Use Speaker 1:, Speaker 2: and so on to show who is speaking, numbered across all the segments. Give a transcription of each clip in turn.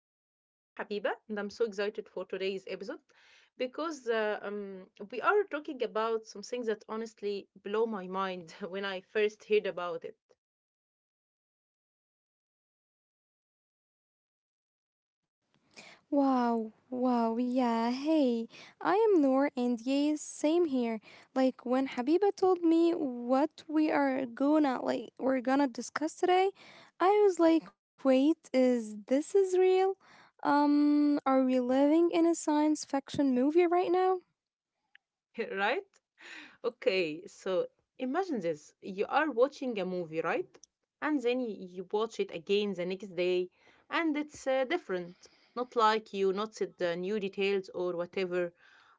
Speaker 1: Frame. I'm Habiba and I'm so excited for today's episode because we are talking about some things that honestly blow my mind when I first heard about it,
Speaker 2: Wow, wow, yeah, hey, I am Noor, and yes, same here. Like when Habiba told me what we are gonna like we're gonna discuss today, I was like, wait, is this is real? Are we living in a science fiction movie right now?
Speaker 1: right? Okay, so imagine this. You are watching a movie, right? And then you watch it again the next day, and it's different. Not like you noticed the new details or whatever,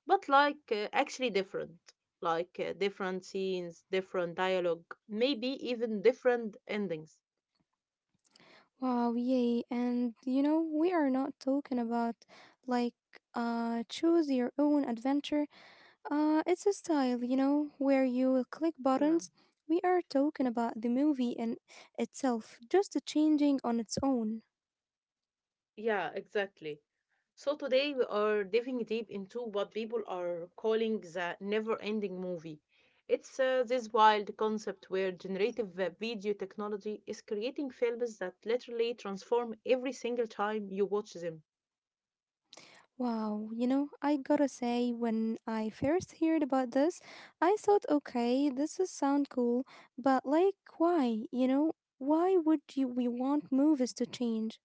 Speaker 1: but like actually different. Like, different scenes, different dialogue, maybe even different endings.
Speaker 2: Wow, yay, and you know, we are not talking about like choose your own adventure. It's a style, you know, where you click
Speaker 1: Yeah,
Speaker 2: buttons. We are talking about the movie in itself, just changing on its own.
Speaker 1: yeah, exactly. So today we are diving deep into what people are calling the never-ending movie. It's this wild concept where generative video technology is creating films that literally transform every single time you watch them.
Speaker 2: Wow, you know, I gotta say, when I first heard about this, I thought, okay, this is sound cool, but like, why? You know, why would you we want movies to change?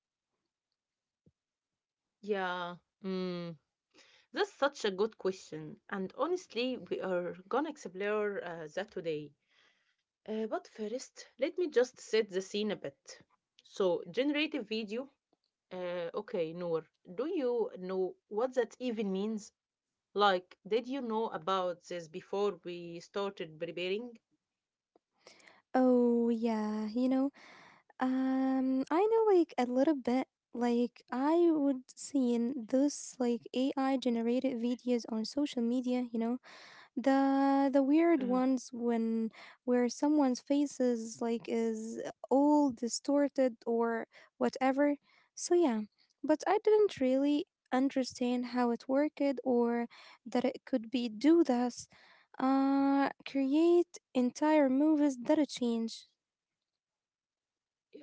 Speaker 1: Yeah, mm, that's such a good question, and honestly, we are gonna explore that today. But first, let me just set the scene a bit. So, generative video. Okay, Noor, do you know what that even means? Like, did you know about this before we started preparing?
Speaker 2: Oh yeah, you know, I know like a little bit. Like I would seen those like AI generated videos on social media, you know, the weird ones when where someone's face is all distorted or whatever. So yeah, but I didn't really understand how it worked or that it could be do this, create entire movies that a change.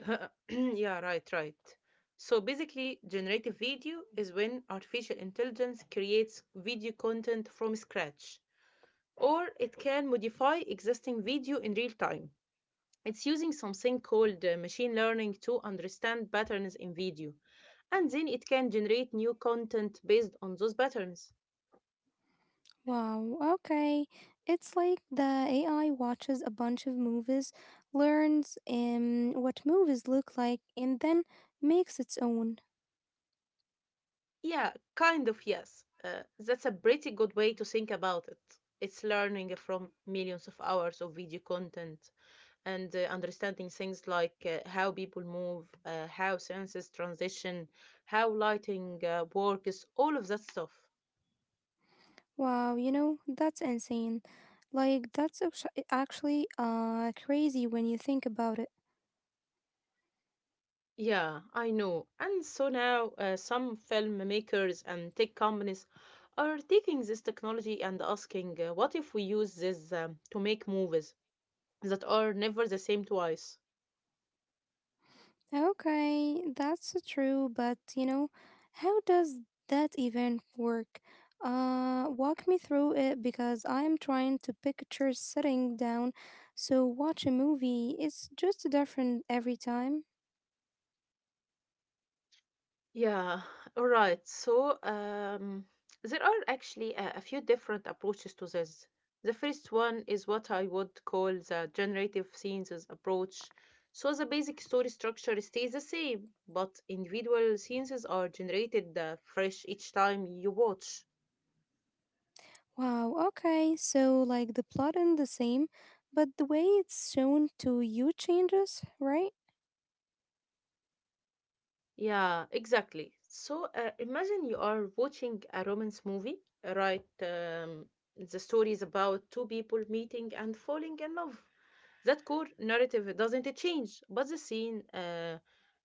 Speaker 1: Uh-huh. Yeah, right, right. So basically, generative video is when artificial intelligence creates video content from scratch, or it can modify existing video in real time. It's using something called machine learning to understand patterns in video, and then it can generate new content based on those patterns.
Speaker 2: Wow, okay. It's like the AI watches a bunch of movies, learns what movies look like, and then makes its own.
Speaker 1: Yeah, kind of, yes. That's a pretty good way to think about it. It's learning from millions of hours of video content and understanding things like how people move, how senses transition, how lighting works, all of that stuff.
Speaker 2: Wow, you know, that's insane. Like, that's actually crazy when you think about it.
Speaker 1: Yeah, I know. And so now some filmmakers and tech companies are taking this technology and asking, what if we use this to make movies that are never the same twice?
Speaker 2: Okay, that's true, but you know, how does that even work? Walk me through it because I'm trying to picture sitting down so watch a movie. It's just different every time.
Speaker 1: Yeah, all right. So, there are actually a few different approaches to this. The first one is what I would call the generative scenes approach. So, the basic story structure stays the same, but individual scenes are generated fresh each time you watch.
Speaker 2: Wow, okay, so like the plot is the same, but the way it's shown to you changes, right?
Speaker 1: Yeah, exactly. So imagine you are watching a romance movie, right? The story is about two people meeting and falling in love. That core narrative doesn't change, but the scene, uh,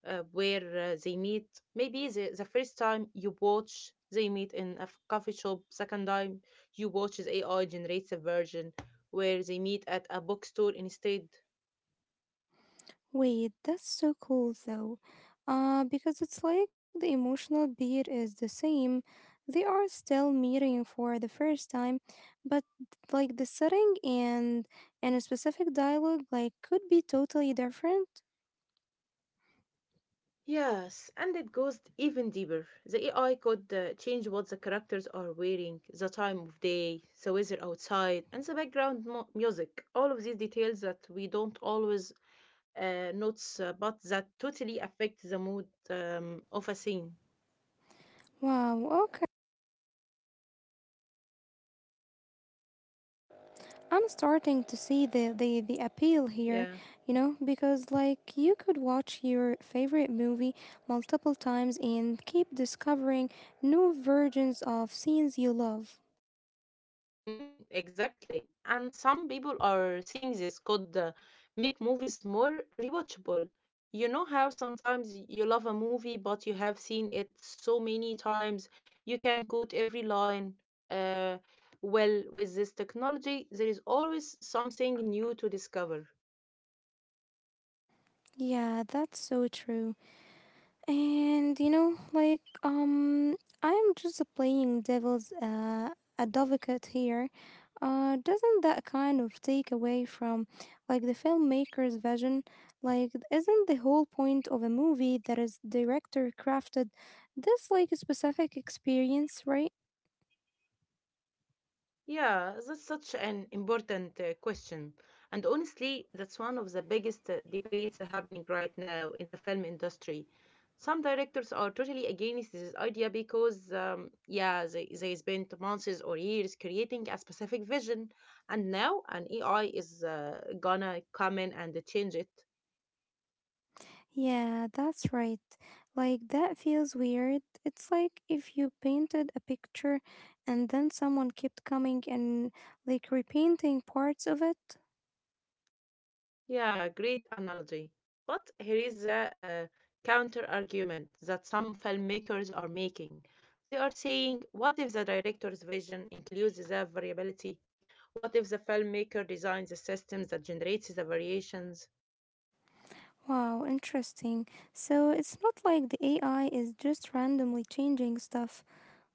Speaker 1: uh, where uh, they meet, maybe the first time you watch, they meet in a coffee shop. Second time you watch, the AI generates a version where they meet at a bookstore instead.
Speaker 2: Wait, that's so cool though. Because it's like the emotional beat is the same. They are still meeting for the first time, but like the setting and a specific dialogue like could be totally different.
Speaker 1: Yes, and it goes even deeper. The AI could change what the characters are wearing, the time of day, the weather outside, and the background music. All of these details that we don't always notice, but that totally affect the mood of a scene.
Speaker 2: Wow, okay. I'm starting to see the appeal here,
Speaker 1: Yeah.
Speaker 2: you know, because like you could watch your favorite movie multiple times and keep discovering new versions of scenes you love.
Speaker 1: Mm, exactly. And some people are saying this could make movies more rewatchable. You know how sometimes you love a movie, but you have seen it so many times, you can quote every line. Uh, well, with this technology, there is always something new to discover.
Speaker 2: Yeah, that's so true. And you know, I'm just playing devil's advocate here. Doesn't that kind of take away from like the filmmaker's vision? Like isn't the whole point of a movie that is director crafted this like specific experience, right?
Speaker 1: Yeah, that's such an important question. And honestly, that's one of the biggest debates happening right now in the film industry. Some directors are totally against this idea because, yeah, they spent months or years creating a specific vision, and now an AI is gonna come in and change it.
Speaker 2: Yeah, that's right. Like, that feels weird. It's like if you painted a picture and then someone kept coming and like repainting parts of it.
Speaker 1: Yeah, great analogy. But here is the counter argument that some filmmakers are making. They are saying, what if the director's vision includes the variability? What if the filmmaker designs a system that generates the variations?
Speaker 2: Wow, interesting. So it's not like the AI is just randomly changing stuff.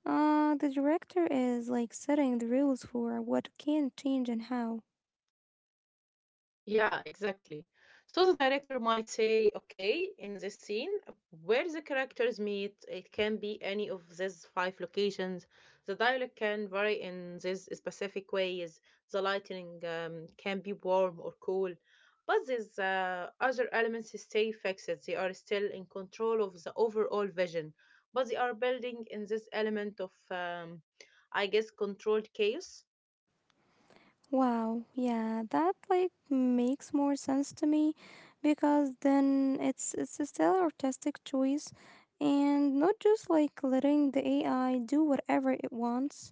Speaker 2: The director is like setting the rules for what can change and how.
Speaker 1: Yeah, exactly. So the director might say, okay, in this scene where the characters meet, it can be any of these five locations. The dialogue can vary in these specific ways. The lighting can be warm or cool. But these other elements stay fixed. They are still in control of the overall vision, but they are building in this element of, I guess, controlled chaos.
Speaker 2: Wow, yeah, that like makes more sense to me because then it's a still artistic choice and not just like letting the AI do whatever it wants.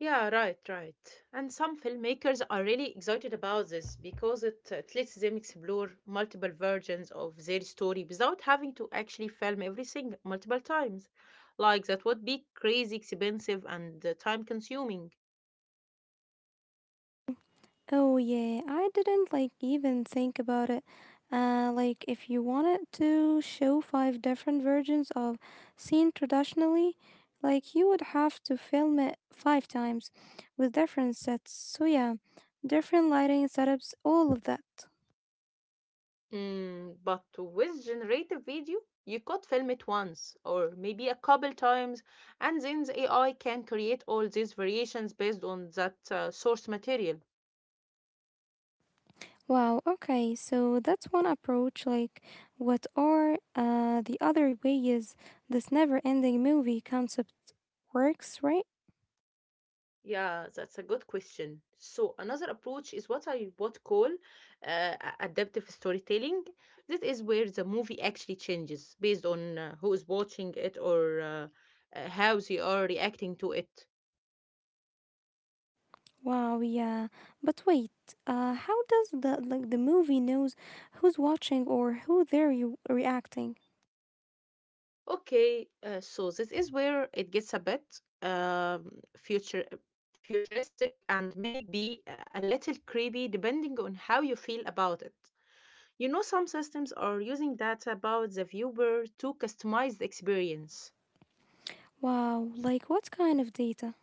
Speaker 1: Yeah, right, right. And some filmmakers are really excited about this because it lets them explore multiple versions of their story without having to actually film everything multiple times. Like, that would be crazy expensive and time consuming.
Speaker 2: Oh yeah, I didn't like even think about it. Like if you wanted to show five different versions of scene traditionally, like you would have to film it five times with different sets. So yeah, different lighting setups, all of that.
Speaker 1: Mm, but with generative video, you could film it once or maybe a couple times, and then the AI can create all these variations based on that source material.
Speaker 2: Wow, okay, so that's one approach. Like, what are the other ways this never ending movie concept works, right?
Speaker 1: Yeah, that's a good question. So another approach is what I would call adaptive storytelling. This is where the movie actually changes based on who is watching it or how they are reacting to it.
Speaker 2: Wow, yeah. But wait, how does the like the movie knows who's watching or who they're reacting?
Speaker 1: Okay, so this is where it gets a bit um, future futuristic and maybe a little creepy depending on how you feel about it. You know, some systems are using data about the viewer to customize the experience.
Speaker 2: Wow, like what kind of data?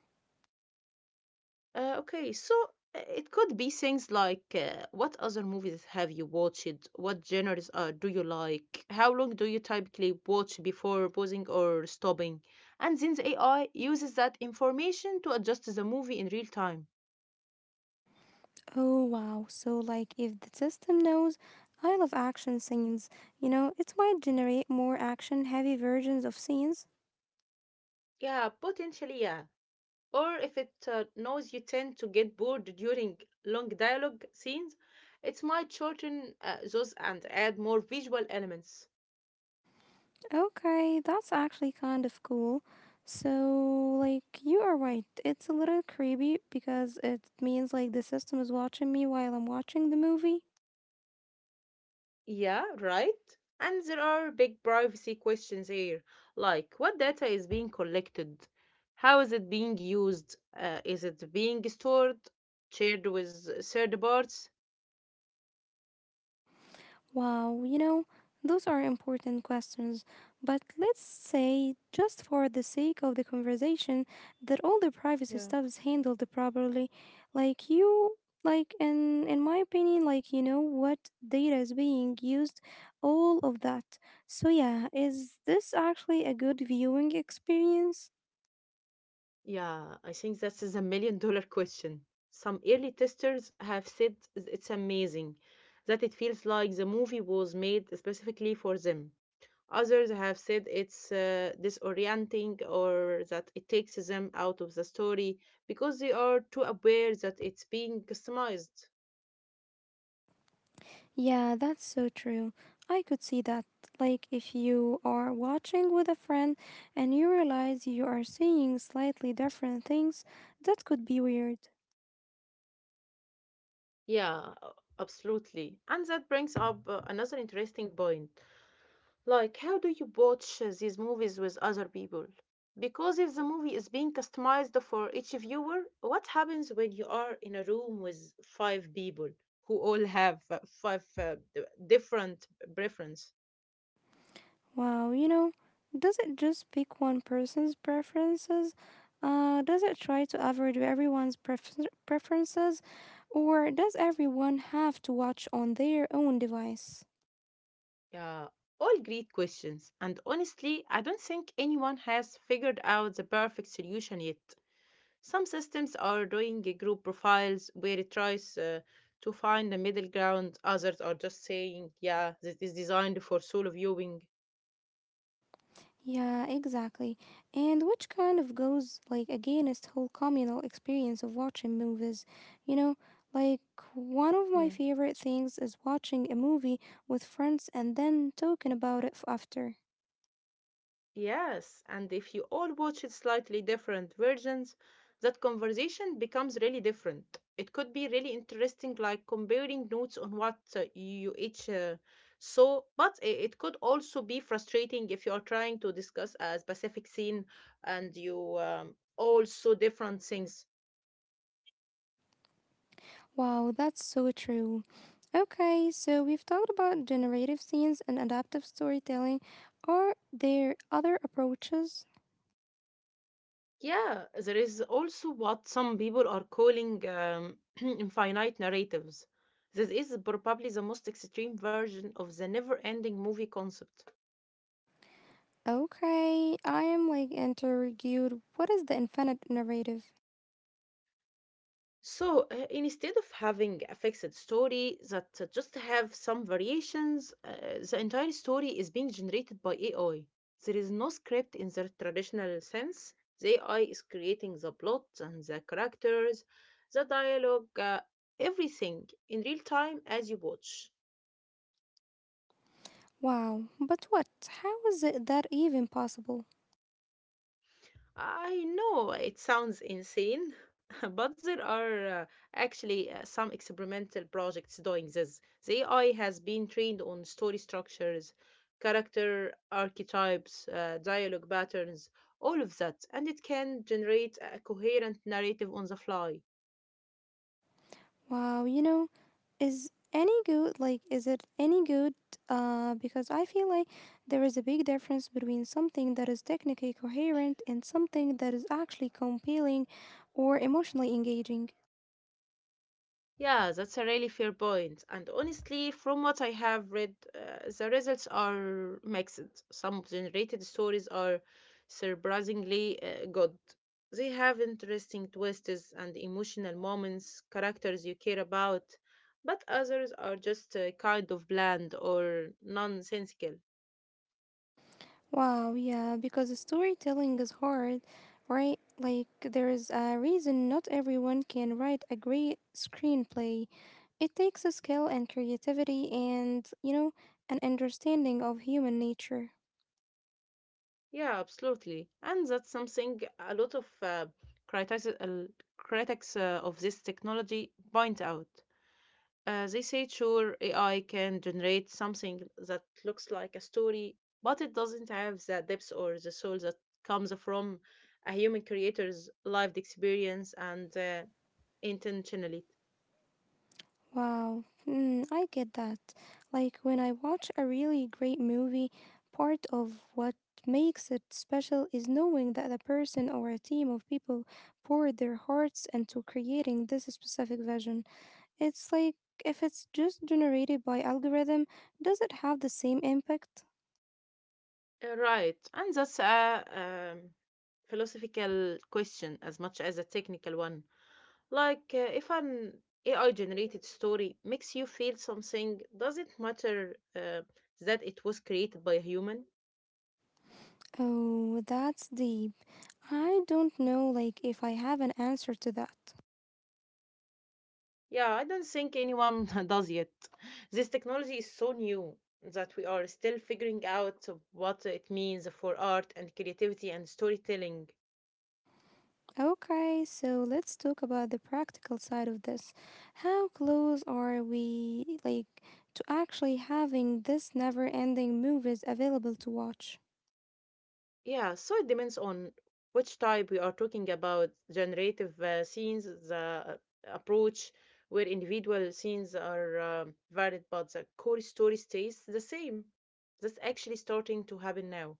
Speaker 1: Okay, so, it could be things like what other movies have you watched? What genres do you like? How long do you typically watch before pausing or stopping? And since AI uses that information to adjust the movie in real time.
Speaker 2: Oh wow, so like if the system knows I love action scenes, you know, it might generate more action heavy versions of scenes.
Speaker 1: Yeah, potentially, yeah. Or if it knows you tend to get bored during long dialogue scenes, it might shorten those and add more visual elements.
Speaker 2: Okay, that's actually kind of cool. So, like, you are right. It's a little creepy because it means like the system is watching me while I'm watching the movie.
Speaker 1: Yeah, right. And there are big privacy questions here, like what data is being collected? How is it being used? Is it being stored, shared with third parties?
Speaker 2: Wow, you know, those are important questions. But let's say, just for the sake of the conversation, that all the privacy
Speaker 1: Yeah.
Speaker 2: stuff is handled properly. Like you like in my opinion, like you know what data is being used, all of that. So yeah, is this actually a good viewing experience?
Speaker 1: Yeah, I think that is a million dollar question. Some early testers have said it's amazing that it feels like the movie was made specifically for them. Others have said it's disorienting or that it takes them out of the story because they are too aware that it's being customized.
Speaker 2: Yeah, that's so true. I could see that. Like, if you are watching with a friend and you realize you are seeing slightly different things, that could be weird.
Speaker 1: Absolutely. And that brings up another interesting point. Like, how do you watch these movies with other people? Because if the movie is being customized for each viewer, what happens when you are in a room with five people who all have different preferences?
Speaker 2: Wow, you know, does it just pick one person's preferences? Does it try to average everyone's preferences? Or does everyone have to watch on their own device?
Speaker 1: Yeah, all great questions. And honestly, I don't think anyone has figured out the perfect solution yet. Some systems are doing a group profiles where it tries to find a middle ground, others are just saying, yeah, this is designed for solo viewing.
Speaker 2: Yeah, exactly. And which kind of goes like against whole communal experience of watching movies. You know, like one of my
Speaker 1: Yeah.
Speaker 2: favorite things is watching a movie with friends and then talking about it after.
Speaker 1: Yes, and if you all watch it slightly different versions, that conversation becomes really different. It could be really interesting, like comparing notes on what you each saw, but it could also be frustrating if you are trying to discuss a specific scene and you all saw different things.
Speaker 2: Wow, that's so true. Okay, so we've talked about generative scenes and adaptive storytelling. Are there other approaches?
Speaker 1: Yeah, there is also what some people are calling infinite narratives. This is probably the most extreme version of the never ending movie concept.
Speaker 2: Okay, I am like interrogated. What is the infinite narrative?
Speaker 1: So, instead of having a fixed story that just have some variations, the entire story is being generated by AI. There is no script in the traditional sense. The AI is creating the plot and the characters, the dialogue, everything in real time as you watch.
Speaker 2: Wow, but what? How is it that even possible?
Speaker 1: I know it sounds insane, but there are actually some experimental projects doing this. The AI has been trained on story structures, character archetypes, dialogue patterns, all of that, and it can generate a coherent narrative on the fly.
Speaker 2: Wow, you know, is it any good? Because I feel like there is a big difference between something that is technically coherent and something that is actually compelling or emotionally engaging.
Speaker 1: Yeah, that's a really fair point. And honestly, from what I have read, the results are mixed. Some generated stories are surprisingly good. They have interesting twists and emotional moments, characters you care about, but others are just kind of bland or nonsensical.
Speaker 2: Wow, yeah, because storytelling is hard, right? Like, there is a reason not everyone can write a great screenplay. It takes a skill and creativity and, you know, an understanding of human nature.
Speaker 1: Yeah, absolutely. And that's something a lot of critics, uh, critics of this technology point out. They say sure, AI can generate something that looks like a story, but it doesn't have the depth or the soul that comes from a human creator's lived experience and intentionality.
Speaker 2: Wow, mm, I get that. Like, when I watch a really great movie, part of what makes it special is knowing that a person or a team of people poured their hearts into creating this specific vision. It's like if it's just generated by algorithm, does it have the same impact?
Speaker 1: Right, and that's a philosophical question as much as a technical one. Like, if an AI generated story makes you feel something, does it matter that it was created by a human?
Speaker 2: Oh, that's deep. I don't know like if I have an answer to that.
Speaker 1: Yeah, I don't think anyone does yet. This technology is so new that we are still figuring out what it means for art and creativity and storytelling.
Speaker 2: Okay, so let's talk about the practical side of this. How close are we like to actually having this never-ending movies available to watch?
Speaker 1: Yeah, so it depends on which type we are talking about generative scenes, the uh, approach where individual scenes are varied, but the core story stays the same. That's actually starting to happen now.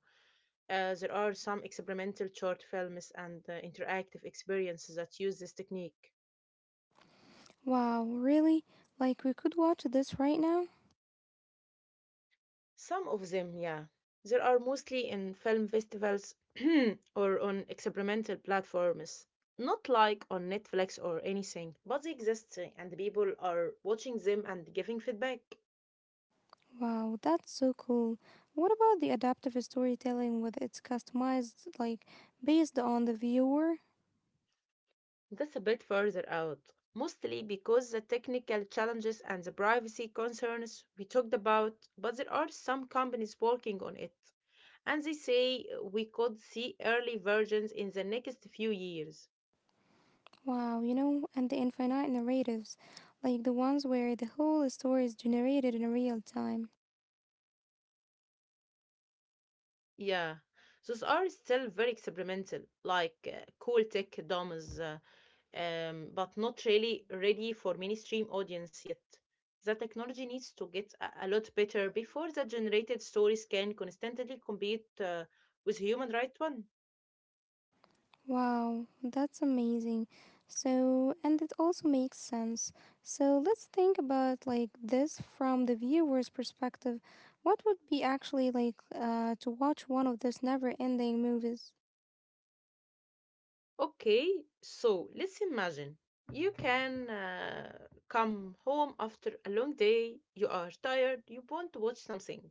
Speaker 1: There are some experimental short films and interactive experiences that use this technique.
Speaker 2: Wow, really? Like we could watch this right now?
Speaker 1: Some of them, yeah. There are mostly in film festivals or on experimental platforms, not like on Netflix or anything, but they exist and people are watching them and giving feedback.
Speaker 2: Wow, that's so cool. What about the adaptive storytelling with its customized, like based on the viewer?
Speaker 1: That's a bit further out, mostly because the technical challenges and the privacy concerns we talked about, but there are some companies working on it. And they say we could see early versions in the next few years.
Speaker 2: Wow, you know, and the infinite narratives, like the ones where the whole story is generated in real time.
Speaker 1: Yeah, those are still very experimental, like cool tech demos, but not really ready for mainstream audience yet. The technology needs to get a lot better before the generated stories can constantly compete with human right one.
Speaker 2: Wow, that's amazing. So, and it also makes sense. So, let's think about like this from the viewer's perspective. What would be actually like to watch one of those never ending movies?
Speaker 1: Okay, so let's imagine you can come home after a long day, you are tired, you want to watch something.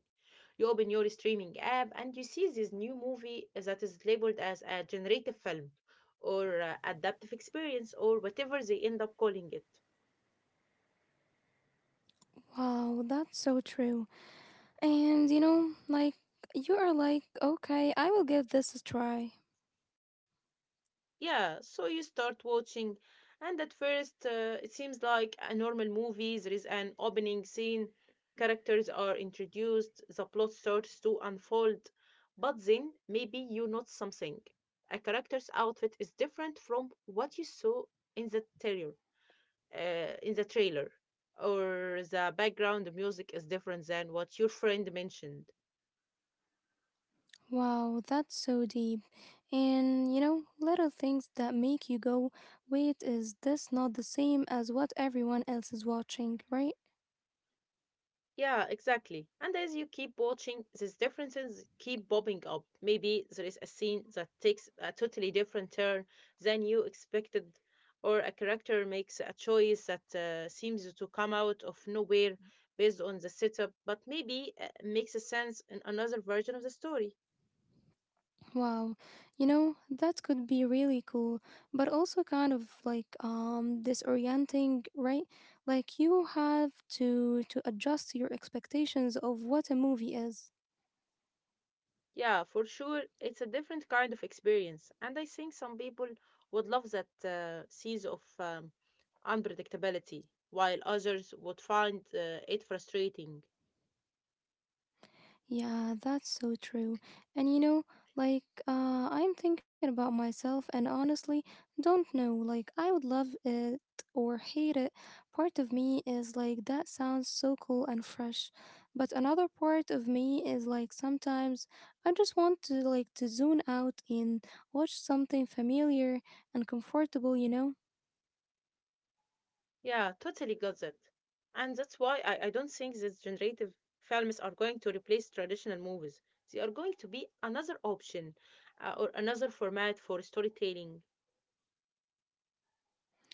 Speaker 1: You open your streaming app and you see this new movie that is labeled as a generative film or adaptive experience or whatever they end up calling it.
Speaker 2: Wow, that's so true. And you know, like, you are like, okay, I will give this a try.
Speaker 1: Yeah, so you start watching, and at first it seems like a normal movie. There is an opening scene, characters are introduced, the plot starts to unfold. But then maybe you notice something. A character's outfit is different from what you saw in the trailer, uh, in the trailer, or the background music is different than what your friend mentioned.
Speaker 2: Wow, that's so deep. And you know, little things that make you go, wait, is this not the same as what everyone else is watching, right?
Speaker 1: Yeah, exactly. And as you keep watching, these differences keep popping up. Maybe there is a scene that takes a totally different turn than you expected, or a character makes a choice that seems to come out of nowhere based on the setup, but maybe makes a sense in another version of the story.
Speaker 2: Wow, you know, that could be really cool, but also kind of like disorienting, right? Like you have to adjust your expectations of what a movie is.
Speaker 1: Yeah, for sure. It's a different kind of experience. And I think some people would love that sense of unpredictability, while others would find it frustrating.
Speaker 2: Yeah, that's so true. And you know, like, I'm thinking about myself and honestly, don't know. Like, I would love it or hate it. Part of me is like, that sounds so cool and fresh. But another part of me is like, sometimes I just want to, like, to zone out and watch something familiar and comfortable, you know?
Speaker 1: Yeah, totally got that. And that's why I don't think these generative films are going to replace traditional movies. They are going to be another option or another format for storytelling.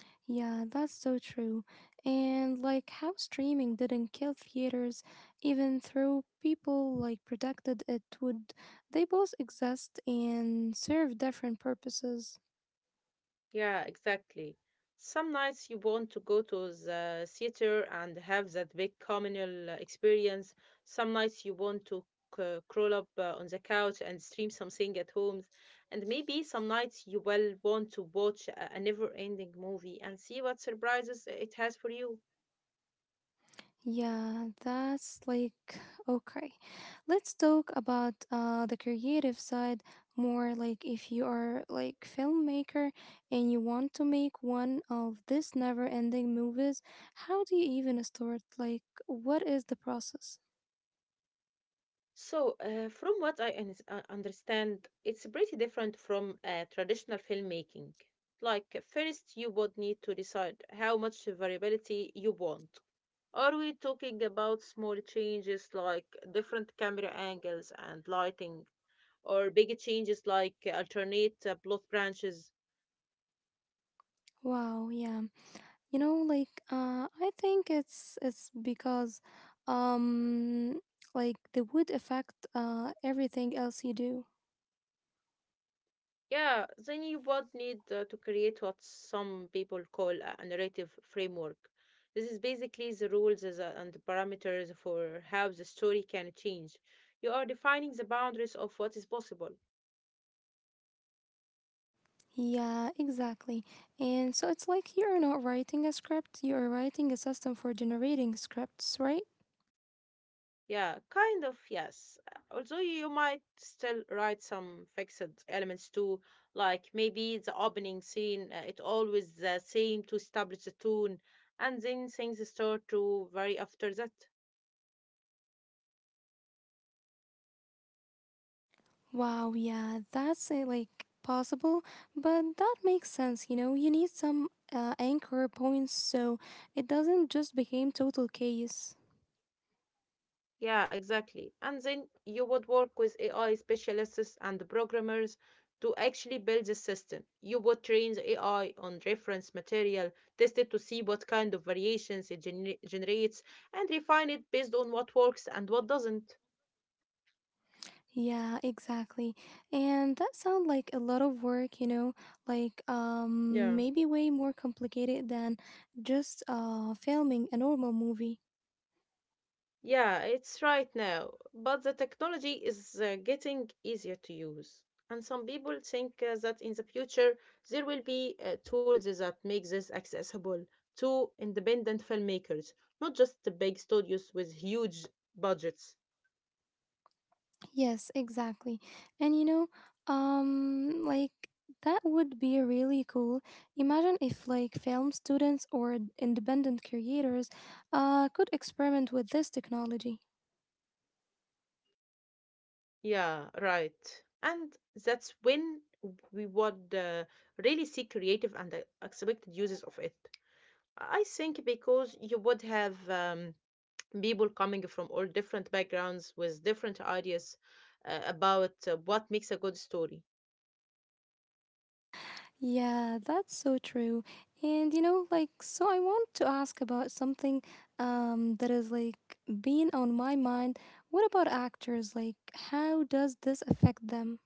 Speaker 2: Yeah, that's so true. And like how streaming didn't kill theaters, even though people like predicted it would, they both exist and serve different purposes.
Speaker 1: Yeah, exactly. Some nights you want to go to the theater and have that big communal experience. Some nights you want to crawl up on the couch and stream something at home. And maybe some nights you will want to watch a never-ending movie and see what surprises it has for you.
Speaker 2: Yeah, that's like okay. Let's talk about the creative side more, like if you are like filmmaker and you want to make one of these never-ending movies, how do you even start? Like what is the process?
Speaker 1: So, from what I understand, it's pretty different from traditional filmmaking. Like, first, you would need to decide how much variability you want. Are we talking about small changes like different camera angles and lighting, or big changes like alternate plot branches?
Speaker 2: Wow, yeah. You know, like I think it's because um like the wood affect everything else you do.
Speaker 1: Yeah, then you would need to create what some people call a narrative framework. This is basically the rules and the parameters for how the story can change. You are defining the boundaries of what is possible.
Speaker 2: Yeah, exactly. And so it's like you're not writing a script, you're writing a system for generating scripts, right?
Speaker 1: Yeah, kind of, yes. Although you might still write some fixed elements too, like maybe the opening scene, it always the same to establish the tone, and then things start to vary after that.
Speaker 2: Wow, yeah, that's like possible, but that makes sense, you know, you need some anchor points so it doesn't just become total chaos.
Speaker 1: Yeah, exactly. And then you would work with AI specialists and programmers to actually build the system. You would train the AI on reference material, test it to see what kind of variations it generates, and refine it based on what works and what doesn't.
Speaker 2: Yeah, exactly. And that sounds like a lot of work, you know, like
Speaker 1: Yeah,
Speaker 2: maybe way more complicated than just filming a normal movie.
Speaker 1: yeah, it's right now. But the technology is getting easier to use. And some people think that in the future there will be tools that make this accessible to independent filmmakers, not just the big studios with huge budgets.
Speaker 2: Yes, exactly. And you know, um like that would be really cool. Imagine if like film students or independent creators could experiment with this technology.
Speaker 1: Yeah, right. And that's when we would really see creative and expected uses of it. I think because you would have people coming from all different backgrounds with different ideas about what makes a good story?
Speaker 2: Yeah, that's so true. And you know, like, so I want to ask about something that is like been on my mind. What about actors? Like, how does this affect them?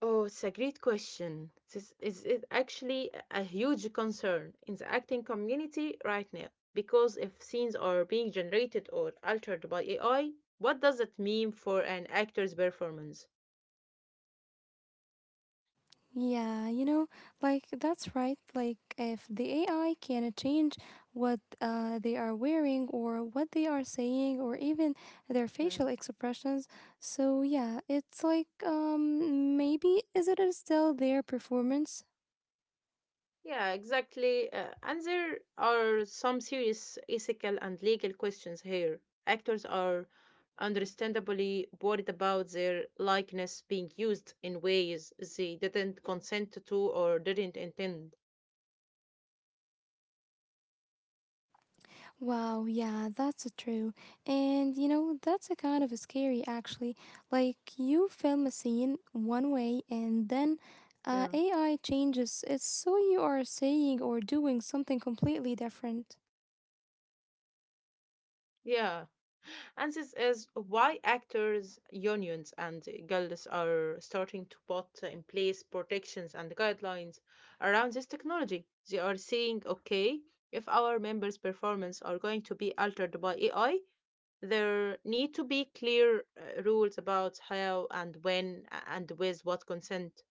Speaker 1: Oh, it's a great question. This is it actually a huge concern in the acting community right now because if scenes are being generated or altered by AI, what does it mean for an actor's performance?
Speaker 2: Yeah, you know, like, that's right. Like, if the AI can change what they are wearing or what they are saying or even their
Speaker 1: Yeah.
Speaker 2: facial expressions, so yeah, it's like, maybe is it still their performance?
Speaker 1: Yeah, exactly. And there are some serious ethical and legal questions here. Actors are understandably worried about their likeness being used in ways they didn't consent to or didn't intend.
Speaker 2: Wow, yeah, that's true. And you know, that's a kind of scary actually. Like you film a scene one way and then
Speaker 1: Yeah.
Speaker 2: AI changes it so you are saying or doing something completely different.
Speaker 1: Yeah. And this is why actors, unions, and guilds are starting to put in place protections and guidelines around this technology. They are saying, okay, if our members' performance are going to be altered by AI, there need to be clear rules about how and when and with what consent.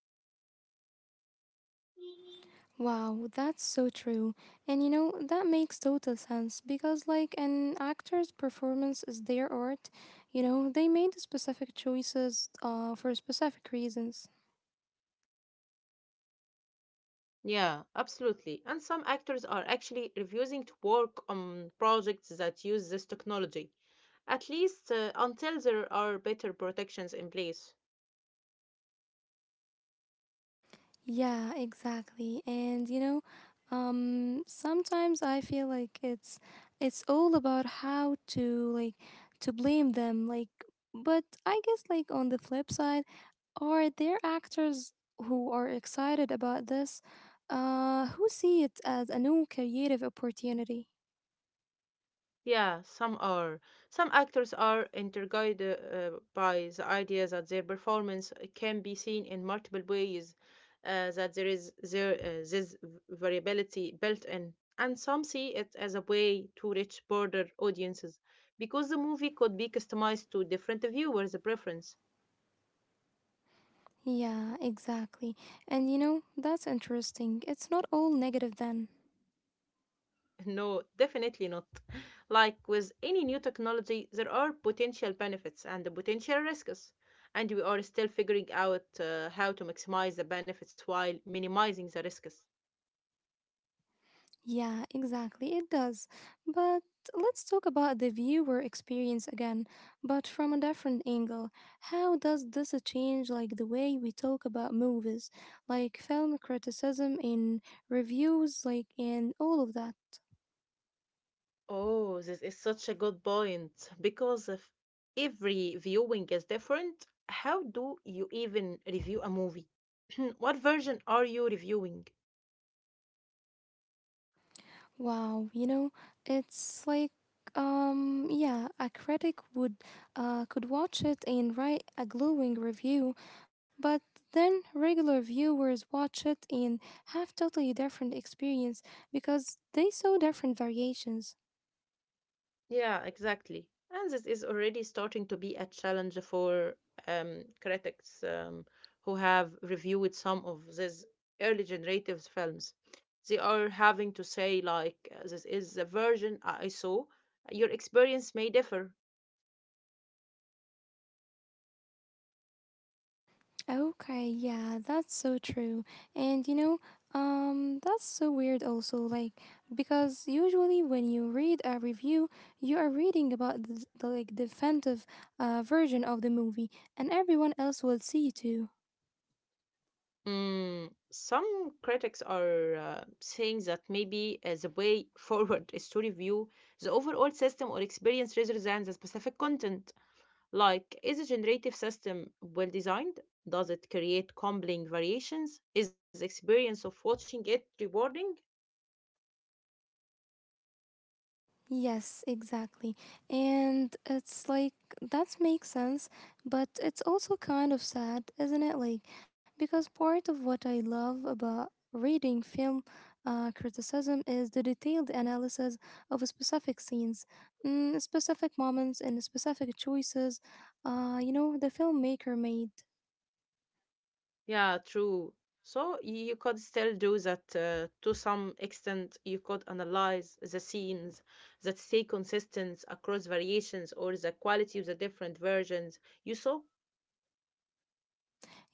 Speaker 2: Wow, that's so true. And you know, that makes total sense because like an actor's performance is their art. You know, they made specific choices for specific reasons.
Speaker 1: Yeah, absolutely. And some actors are actually refusing to work on projects that use this technology, at least until there are better protections in place.
Speaker 2: Yeah, exactly. And sometimes I feel like it's all about how to to blame them but I guess on the flip side are there actors who are excited about this who see it as a new creative opportunity.
Speaker 1: Yeah, some are. Some actors are intrigued by the idea that their performance can be seen in multiple ways, that there is there this variability built in, and some see it as a way to reach broader audiences because the movie could be customized to different viewers' preference.
Speaker 2: Yeah, exactly. And you know, that's interesting. It's not all negative then.
Speaker 1: No, definitely not. Like with any new technology, there are potential benefits and the potential risks, and we are still figuring out how to maximize the benefits while minimizing the risks.
Speaker 2: Yeah, exactly, it does. But let's talk about the viewer experience again, but from a different angle. How does this change the way we talk about movies, like film criticism and reviews, like and all of that?
Speaker 1: Oh, this is such a good point because if every viewing is different, how do you even review a movie? What version are you reviewing?
Speaker 2: Wow, you know, it's like yeah, a critic would could watch it and write a glowing review, but then regular viewers watch it and have totally different experience because they saw different variations.
Speaker 1: Yeah, exactly. And this is already starting to be a challenge for critics who have reviewed some of these early generative films. They are having to say, like, this is the version I saw. Your experience may differ.
Speaker 2: Okay, yeah, that's so true. And that's so weird also, like, because usually when you read a review, you are reading about the like definitive version of the movie, and everyone else will see too.
Speaker 1: Mm, some critics are saying that maybe the way forward is to review the overall system or experience rather than the specific content. Like, is a generative system well designed? Does it create compelling variations? Is the experience of watching it rewarding?
Speaker 2: Yes, exactly. And it's like that makes sense, but it's also kind of sad, isn't it? Like because part of what I love about reading film criticism is the detailed analysis of specific scenes, specific moments, and specific choices. The filmmaker made.
Speaker 1: Yeah, true. So you could still do that to some extent. You could analyze the scenes that stay consistent across variations or the quality of the different versions. You saw?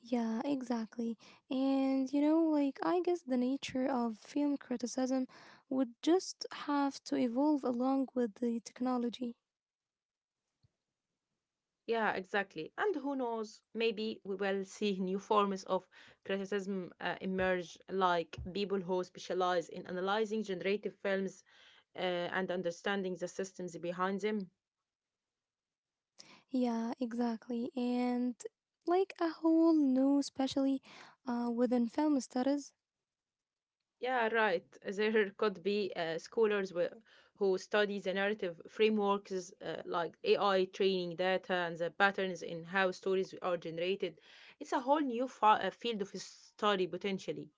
Speaker 2: Yeah, exactly. And I guess the nature of film criticism would just have to evolve along with the technology.
Speaker 1: Yeah, exactly. And who knows? Maybe we will see new forms of criticism emerge, like people who specialize in analyzing generative films and understanding the systems behind them.
Speaker 2: Yeah, exactly. And like a whole new specialty within film studies.
Speaker 1: Yeah, right. There could be scholars who study the narrative frameworks like AI training data and the patterns in how stories are generated. It's a whole new field of study potentially.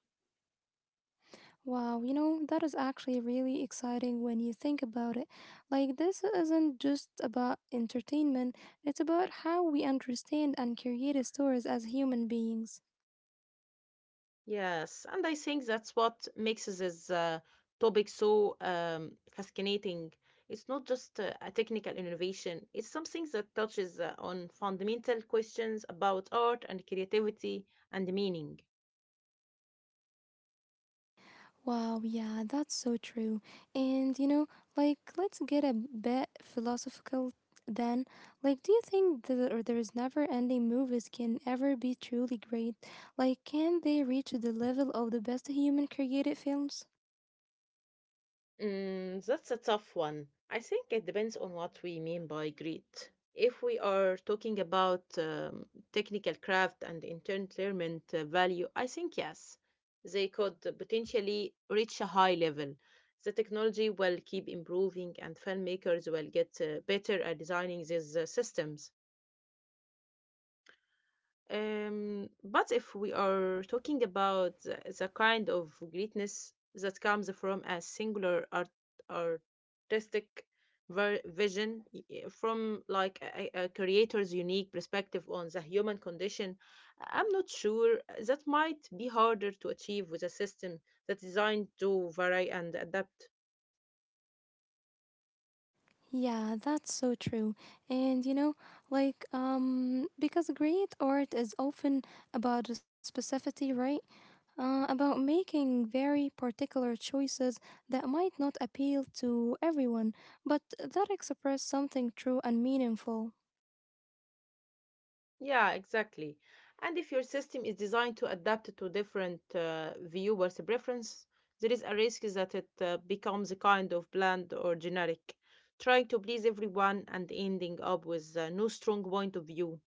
Speaker 2: Wow, you know, that is actually really exciting when you think about it. Like, this isn't just about entertainment, it's about how we understand and create stories as human beings.
Speaker 1: Yes, and I think that's what makes this topic so fascinating. It's not just a technical innovation, it's something that touches on fundamental questions about art and creativity and meaning.
Speaker 2: Wow, yeah, that's so true. And you know, like, let's get a bit philosophical then. Like, do you think that or there's never ending movies can ever be truly great? Like, can they reach the level of the best human created films?
Speaker 1: Mm, that's a tough one. I think it depends on what we mean by great. If we are talking about technical craft and entertainment value, I think yes, they could potentially reach a high level. The technology will keep improving, and filmmakers will get better at designing these systems. But if we are talking about the kind of greatness that comes from a singular artistic vision, from like a creator's unique perspective on the human condition, I'm not sure that might be harder to achieve with a system that's designed to vary and adapt.
Speaker 2: Yeah, that's so true. And because great art is often about the specificity, right? About making very particular choices that might not appeal to everyone, but that express something true and meaningful.
Speaker 1: Yeah, exactly. And if your system is designed to adapt to different viewers' preference, there is a risk that it becomes a kind of bland or generic, trying to please everyone and ending up with no strong point of view.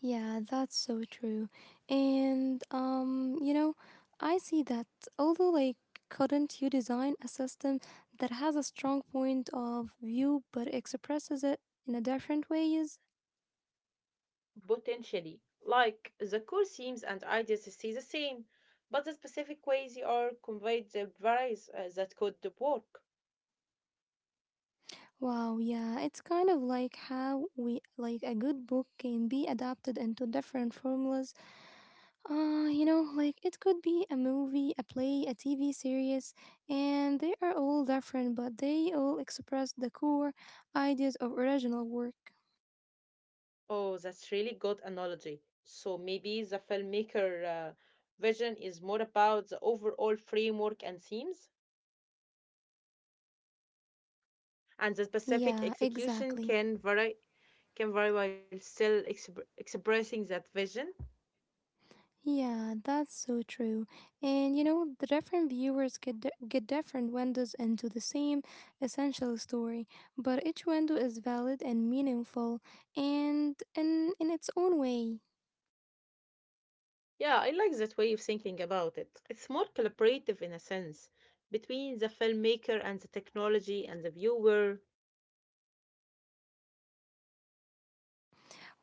Speaker 2: Yeah, that's so true. And I see that although like couldn't you design a system that has a strong point of view but expresses it in a different ways?
Speaker 1: Potentially, like the core themes and ideas stay the same, but the specific ways they are conveyed varies, that could work.
Speaker 2: Wow, yeah, it's kind of like how we like a good book can be adapted into different formulas. It could be a movie, a play, a TV series, and they are all different, but they all express the core ideas of original work.
Speaker 1: Oh, that's really good analogy. So maybe the filmmaker vision is more about the overall framework and themes, and the specific
Speaker 2: Yeah,
Speaker 1: execution
Speaker 2: exactly.
Speaker 1: can vary while still expressing that vision.
Speaker 2: Yeah, that's so true. And you know, the different viewers get different windows into the same essential story, but each window is valid and meaningful and in its own way.
Speaker 1: Yeah, I like that way of thinking about it. It's more collaborative in a sense between the filmmaker and the technology and the viewer.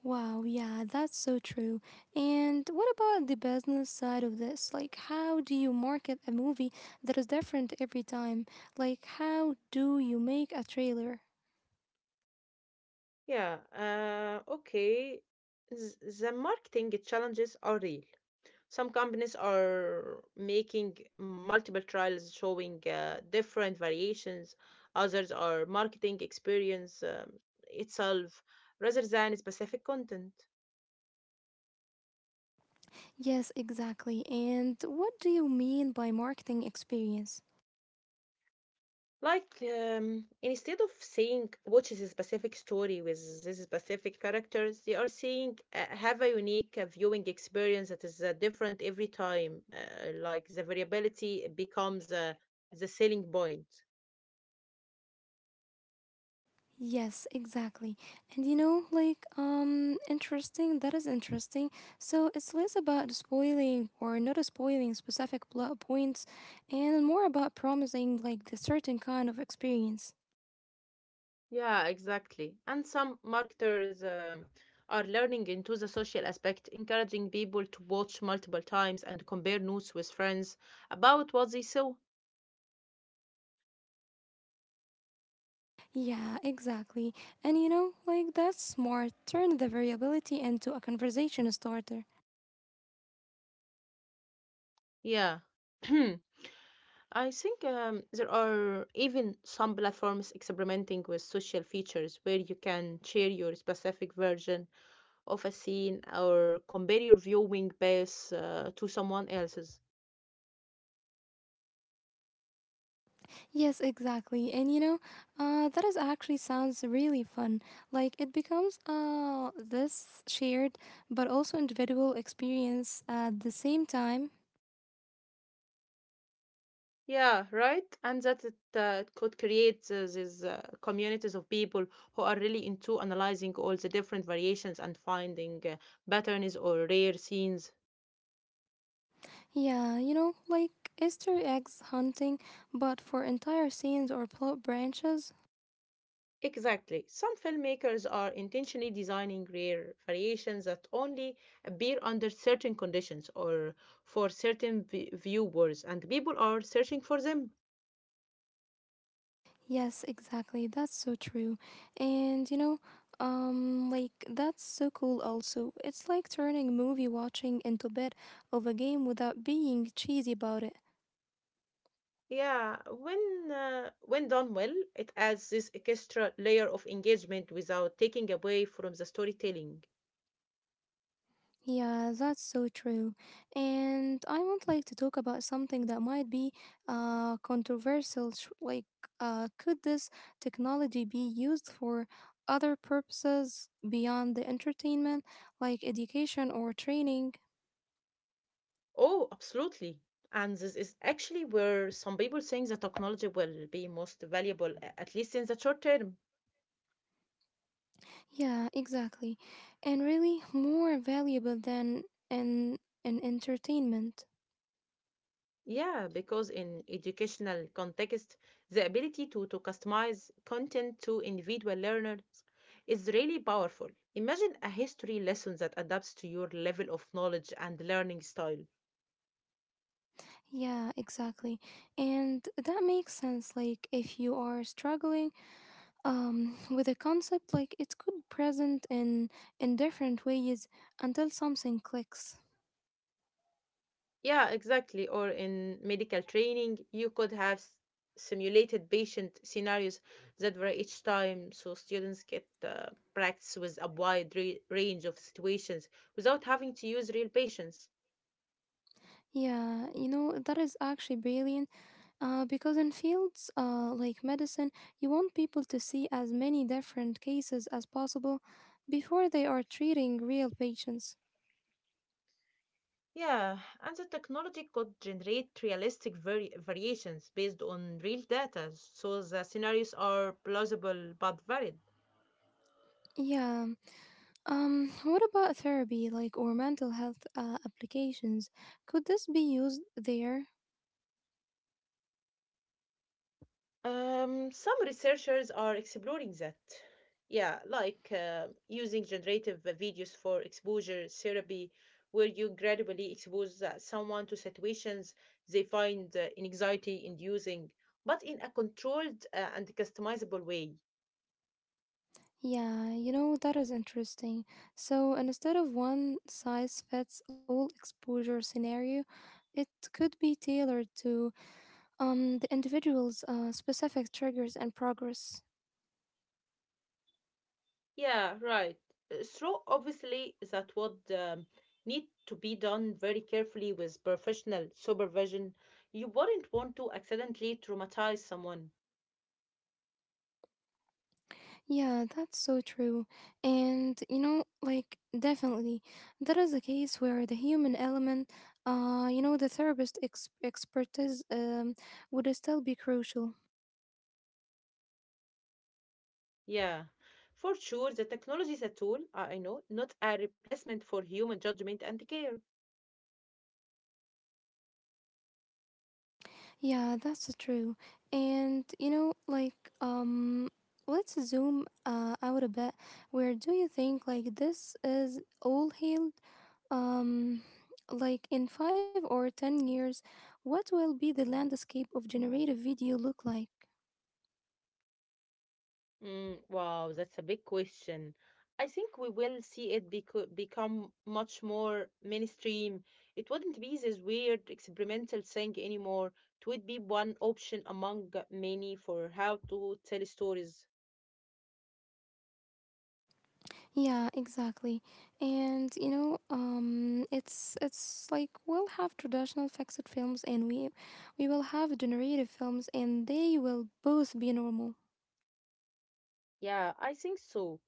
Speaker 2: Wow, yeah, that's so true. And what about the business side of this? Like how do you market a movie that is different every time? Like how do you make a trailer?
Speaker 1: Yeah, okay. The marketing challenges are real. Some companies are making multiple trials showing different variations. Others are marketing experience itself rather than specific content.
Speaker 2: Yes, exactly. And what do you mean by marketing experience?
Speaker 1: Like, instead of saying what is a specific story with this specific characters, they are saying have a unique viewing experience that is different every time. Like, the variability becomes the selling point.
Speaker 2: Yes, exactly. And that is interesting. So it's less about spoiling or not spoiling specific plot points and more about promising, like, the certain kind of experience.
Speaker 1: Yeah, exactly. And some marketers are learning into the social aspect, encouraging people to watch multiple times and compare notes with friends about what they saw.
Speaker 2: Yeah, exactly. And you know, like, that's smart. Turn the variability into a conversation starter.
Speaker 1: Yeah. I think there are even some platforms experimenting with social features where you can share your specific version of a scene or compare your viewing base to someone else's.
Speaker 2: Yes, exactly. And that is actually sounds really fun. Like it becomes this shared but also individual experience at the same time.
Speaker 1: Yeah, right. And that it could create these communities of people who are really into analyzing all the different variations and finding patterns or rare scenes.
Speaker 2: Yeah, you know, like Easter eggs hunting, but for entire scenes or plot branches.
Speaker 1: Exactly. Some filmmakers are intentionally designing rare variations that only appear under certain conditions or for certain viewers, and people are searching for them.
Speaker 2: Yes, exactly. That's so true. And that's so cool also. It's like turning movie watching into a bit of a game without being cheesy about it.
Speaker 1: Yeah, when done well, it adds this extra layer of engagement without taking away from the storytelling.
Speaker 2: Yeah, that's so true. And I would like to talk about something that might be controversial. Like, could this technology be used for other purposes beyond the entertainment, like education or training?
Speaker 1: Oh, absolutely. And this is actually where some people think the technology will be most valuable, at least in the short term.
Speaker 2: Yeah, exactly. And really more valuable than an entertainment.
Speaker 1: Yeah, because in educational context, the ability to customize content to individual learners is really powerful. Imagine a history lesson that adapts to your level of knowledge and learning style.
Speaker 2: Yeah, exactly. And that makes sense. Like, if you are struggling, with a concept like it could present in different ways until something clicks.
Speaker 1: Yeah, exactly. Or in medical training, you could have simulated patient scenarios that were each time, so students get practice with a wide range of situations without having to use real patients.
Speaker 2: Yeah, you know that is actually brilliant. Because in fields like medicine, you want people to see as many different cases as possible before they are treating real patients.
Speaker 1: Yeah, and the technology could generate realistic variations based on real data, so the scenarios are plausible but varied.
Speaker 2: Yeah. What about therapy, like or mental health applications? Could this be used there?
Speaker 1: Some researchers are exploring that. Yeah, like using generative videos for exposure therapy, where you gradually expose someone to situations they find anxiety inducing, but in a controlled and customizable way.
Speaker 2: Yeah, you know, that is interesting. So instead of one size fits all exposure scenario, it could be tailored to the individual's specific triggers and progress.
Speaker 1: Yeah, right. So, obviously, that would need to be done very carefully with professional supervision. You wouldn't want to accidentally traumatize someone.
Speaker 2: Yeah, that's so true. And you know, like definitely, that is a case where the human element, the therapist expertise would still be crucial.
Speaker 1: Yeah, for sure, the technology is a tool, I know, not a replacement for human judgment and care.
Speaker 2: Yeah, that's true. And um, let's zoom out a bit. Where do you think like this is all healed? Um, like in 5 or 10 years, what will be the landscape of generative video look like?
Speaker 1: Mm, wow, that's a big question. I think we will see it become much more mainstream. It wouldn't be this weird experimental thing anymore. It would be one option among many for how to tell stories.
Speaker 2: Yeah, exactly. And it's we'll have traditional fixed films, and we will have generative films, and they will both be normal.
Speaker 1: Yeah, I think so.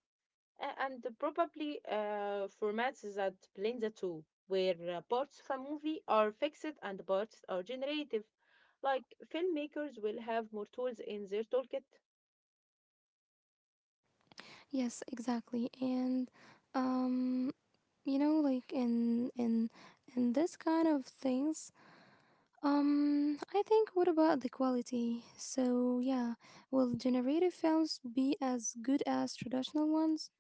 Speaker 1: And probably formats that blend the two, where parts of a movie are fixed and parts are generative. Like filmmakers will have more tools in their toolkit.
Speaker 2: Yes, exactly. And um you know like in in in this kind of things I think what about the quality? So yeah, will generative films be as good as traditional ones?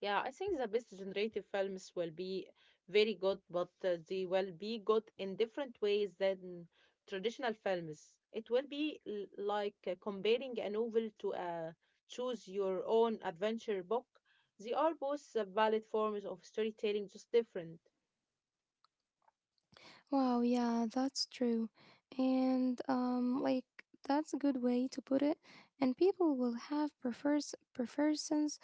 Speaker 1: Yeah, I think the best generative films will be very good, but they will be good in different ways than traditional films. It will be like comparing a novel to a choose your own adventure book. They are both valid forms of storytelling, just different.
Speaker 2: Wow, yeah, that's true. And that's a good way to put it and people will have prefers preferences.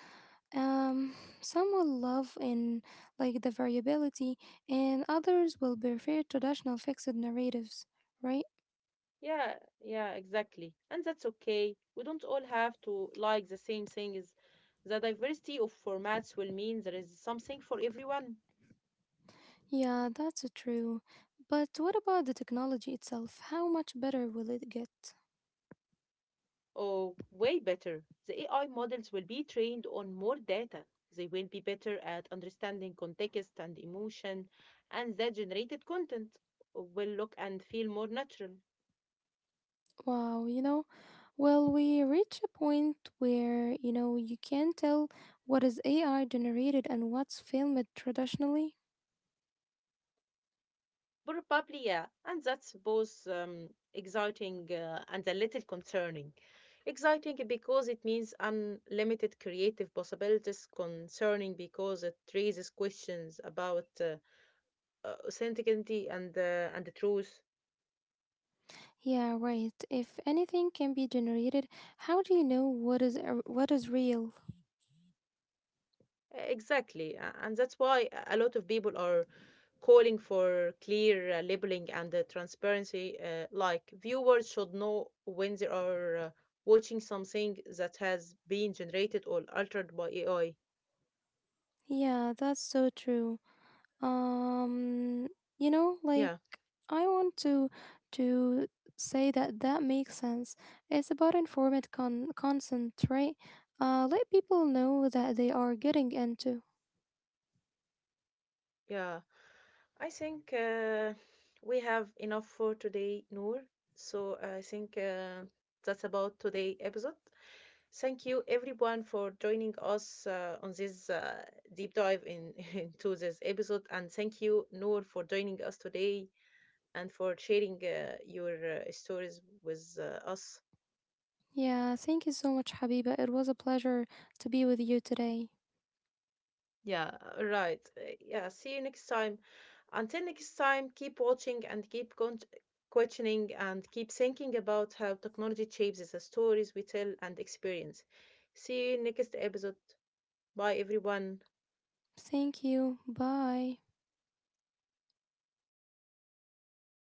Speaker 2: Um, some will love in like the variability, and others will prefer traditional fixed narratives, right?
Speaker 1: Yeah, yeah, exactly. And that's okay. We don't all have to like the same things. The diversity of formats will mean there is something for everyone.
Speaker 2: Yeah, that's true. But what about the technology itself? How much better will it get?
Speaker 1: Or way better, the AI models will be trained on more data. They will be better at understanding context and emotion, and that generated content will look and feel more natural.
Speaker 2: Wow, you know, well, we reach a point where, you know, you can tell what is AI generated and what's filmed traditionally.
Speaker 1: But probably, yeah, and that's both exciting and a little concerning. Exciting because it means unlimited creative possibilities, concerning because it raises questions about authenticity and the truth.
Speaker 2: Yeah, right. If anything can be generated, how do you know what what is real?
Speaker 1: Exactly, and that's why a lot of people are calling for clear labeling and transparency. Like viewers should know when they are watching something that has been generated or altered by AI.
Speaker 2: Yeah, that's so true. um you know like
Speaker 1: Yeah,
Speaker 2: I want to say that that makes sense. It's about informed consent, right? Let people know that they are getting into.
Speaker 1: yeah. I think we have enough for today, Noor. So I think that's about today episode. Thank you everyone for joining us on this deep dive in into this episode, and thank you Noor for joining us today and for sharing your stories with us.
Speaker 2: Yeah, thank you so much, Habiba, it was a pleasure to be with you today.
Speaker 1: Yeah, right. Yeah, see you next time. Until next time, keep watching and keep questioning and keep thinking about how technology shapes the stories we tell and experience. See you next episode. Bye, everyone.
Speaker 2: Thank you. Bye.